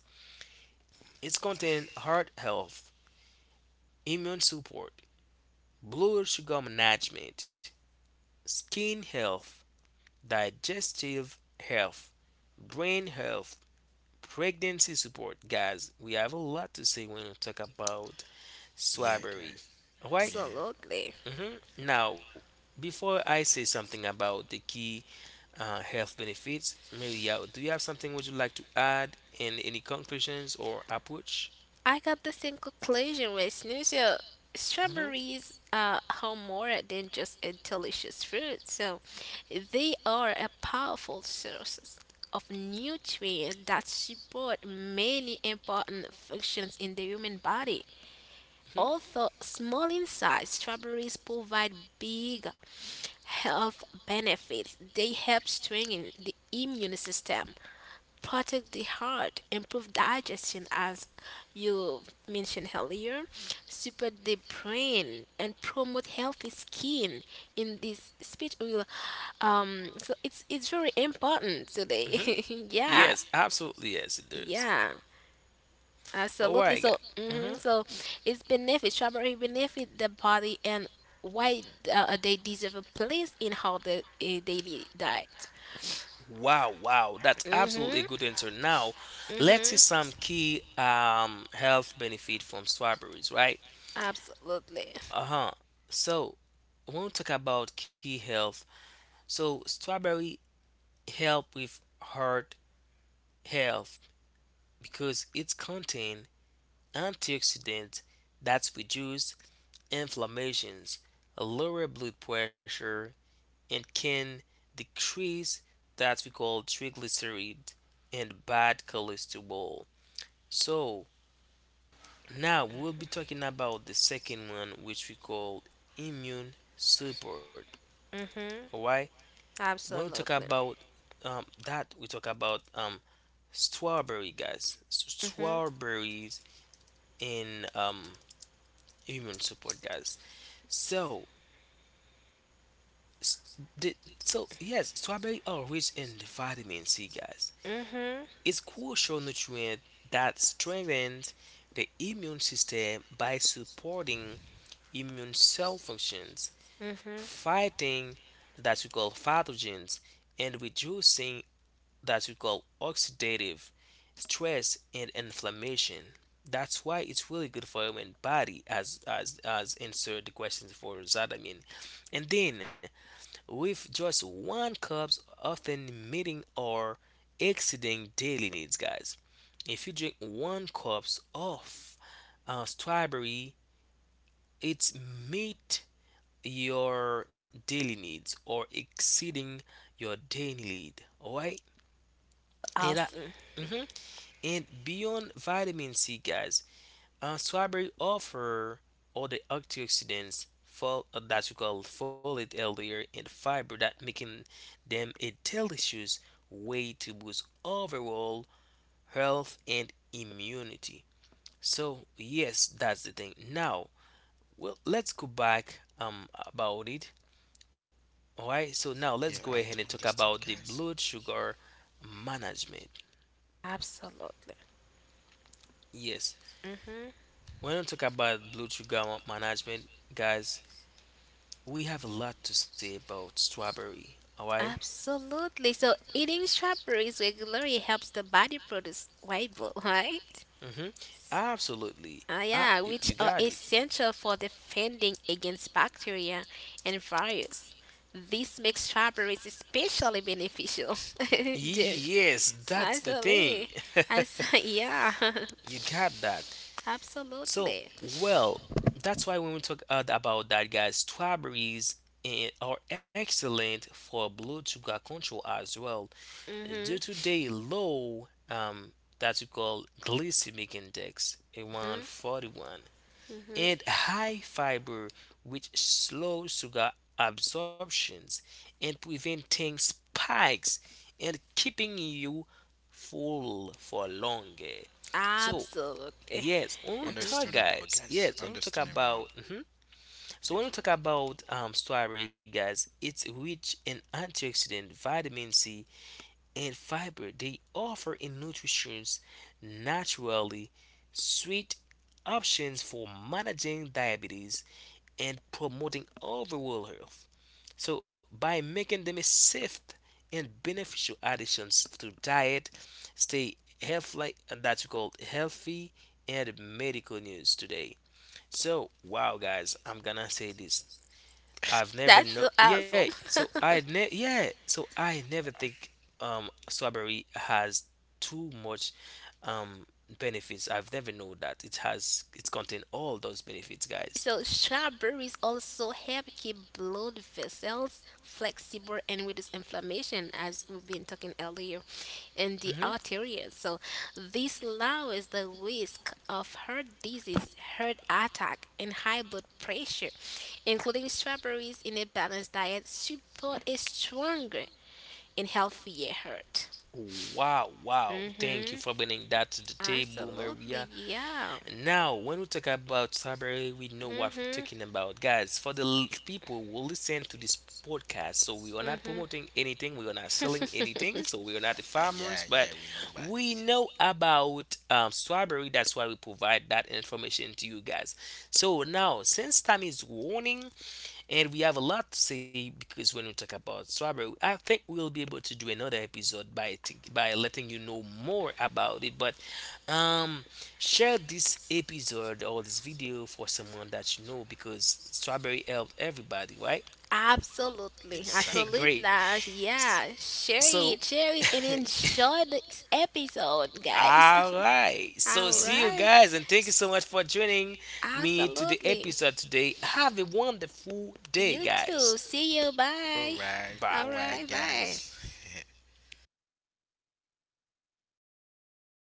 it's contain heart health, immune support, blood sugar management, skin health, digestive health, brain health, pregnancy support. Guys, we have a lot to say when we talk about
Yeah,
strawberry.
guys.
Alright.
Yeah,
Absolutely.
hmm Now, before I say something about the key health benefits. Maria, do you have something would you like to add and any conclusions or approach?
I got the same conclusion with. So
Hmm
strawberries are more than just a delicious fruit, so they are a powerful source of nutrients that support many important functions in the human body.
hmm
Although small in size, strawberries provide big health benefits. They help strengthen the immune system, protect the heart, improve digestion, as you mentioned earlier, support the brain, and promote healthy skin. In this speech, will so it's very important
hmm
today. Yeah,
Yes, absolutely. Yes, it does.
yeah,
All
absolutely.
right,
So,
guys. Hmm
so it's benefit strawberry benefit the body, and why they deserve a place in how the daily diet.
Wow, wow, that's absolutely a good
Mm-hmm.
answer. Now, let's see some key health benefit from strawberries, right?
Absolutely.
Uh-huh. So, when we talk about key health, so strawberry help with heart health. Because it contains antioxidants that reduce inflammations, lower blood pressure, and can decrease that we call triglyceride and bad cholesterol. So now we'll be talking about the second one, which we call immune support.
Mm-hmm.
Alright, when we talk
Absolutely.
about that, we talk about strawberry guys. So
Mhm.
strawberries and immune support, guys. So, s- the, so yes, strawberry are rich in the vitamin C, guys.
Mhm.
It's crucial nutrient that strengthens the immune system by supporting immune cell functions,
Mhm.
fighting that we call pathogens, and reducing that we call oxidative stress and inflammation. That's why it's really good for human body as answered the questions for Zadamin. And then with just one cups often meeting or exceeding daily needs guys. If you drink one cups of strawberry, it's meet your daily needs or exceeding your daily need. Alright? And I,
Awesome.
mhm. And beyond vitamin C, guys, strawberry offer other antioxidants that we call folate earlier and fiber that making them a delicious way to boost overall health and immunity. So yes, that's the thing. Now, well, let's go back about it. Alright, so now let's
yeah.
go
I
ahead and
do
talk
understand,
about the
guys.
blood sugar management.
Absolutely.
Yes,
Mhm.
when we talk about blood sugar management, guys, we have a lot to say about strawberry. All right?
Absolutely. So eating strawberries regularly helps the body produce white blood, right?
Mm-hmm. Absolutely.
Ah,
Ah,
yeah, which
you
are
got it.
essential for defending against bacteria and virus. This makes strawberries especially beneficial during.
Yes, that's the thing.
Absolutely. Yeah.
you got that. So,
Absolutely.
Exactly.
well, that's why when we talk about that, guys, strawberries are excellent for blood sugar control as well. Due
Mhm.
to the low that we call glycemic index, around
Mhm.
41,
Mhm.
and high fiber, which slows sugar absorptions and preventing spikes and keeping you full for longer. So
Absolutely.
yes, on talk
Understandable,
guys,
guys.
yes, when we talk
Understandable.
about mhm. So when we talk
Yeah.
about strawberry guys, it's rich in antioxidant, vitamin C, and fiber they offer in nutrition's naturally sweet options for managing diabetes and promoting overall health. So by making them a safe and beneficial additions to diet, stay healthy and that's called healthy and medical news today. So wow guys, I'm gonna say this I've never
That's
know.
so awesome.
Yeah, so I never think strawberry has too much um benefits. I've never know that it contain all those benefits, guys.
So strawberries also help keep blood vessels flexible and reduce inflammation, as we've been talking earlier, in the
Hmm
arteries. So this lowers the risk of heart disease, heart attack, and high blood pressure. Including strawberries in a balanced diet support a stronger and healthier heart.
Wow, wow. Thank you for
Mm-hmm.
bringing that to the table,
Absolutely,
Maria.
yeah.
Now, when we talk about Cyber, we know what we're
Mm-hmm.
talking about, guys. For the people who listen to this podcast, so we are not promoting anything, we are not selling anything, so we are not the farmers,
Yeah, yeah,
but
we know,
we
guys.
know about strawberry. That's why we provide that information to you guys. So now, since time is warning, and we have a lot to say because when we talk about strawberry, I think we'll be able to do another episode by letting you know more about it. But um, share this episode or this video for someone that you know because strawberry helped everybody, right?
Absolutely,
Exactly.
Great.
absolutely, yeah.
So,
Share it, and enjoy this episode, guys.
all right. So,
All
All
see
right.
you
right,
guys, and thank you so much for joining me to the
absolutely.
episode today. Have a wonderful day,
You too.
guys.
See you.
All
Bye.
right. All
All
right,
Bye.
right, bye.
guys.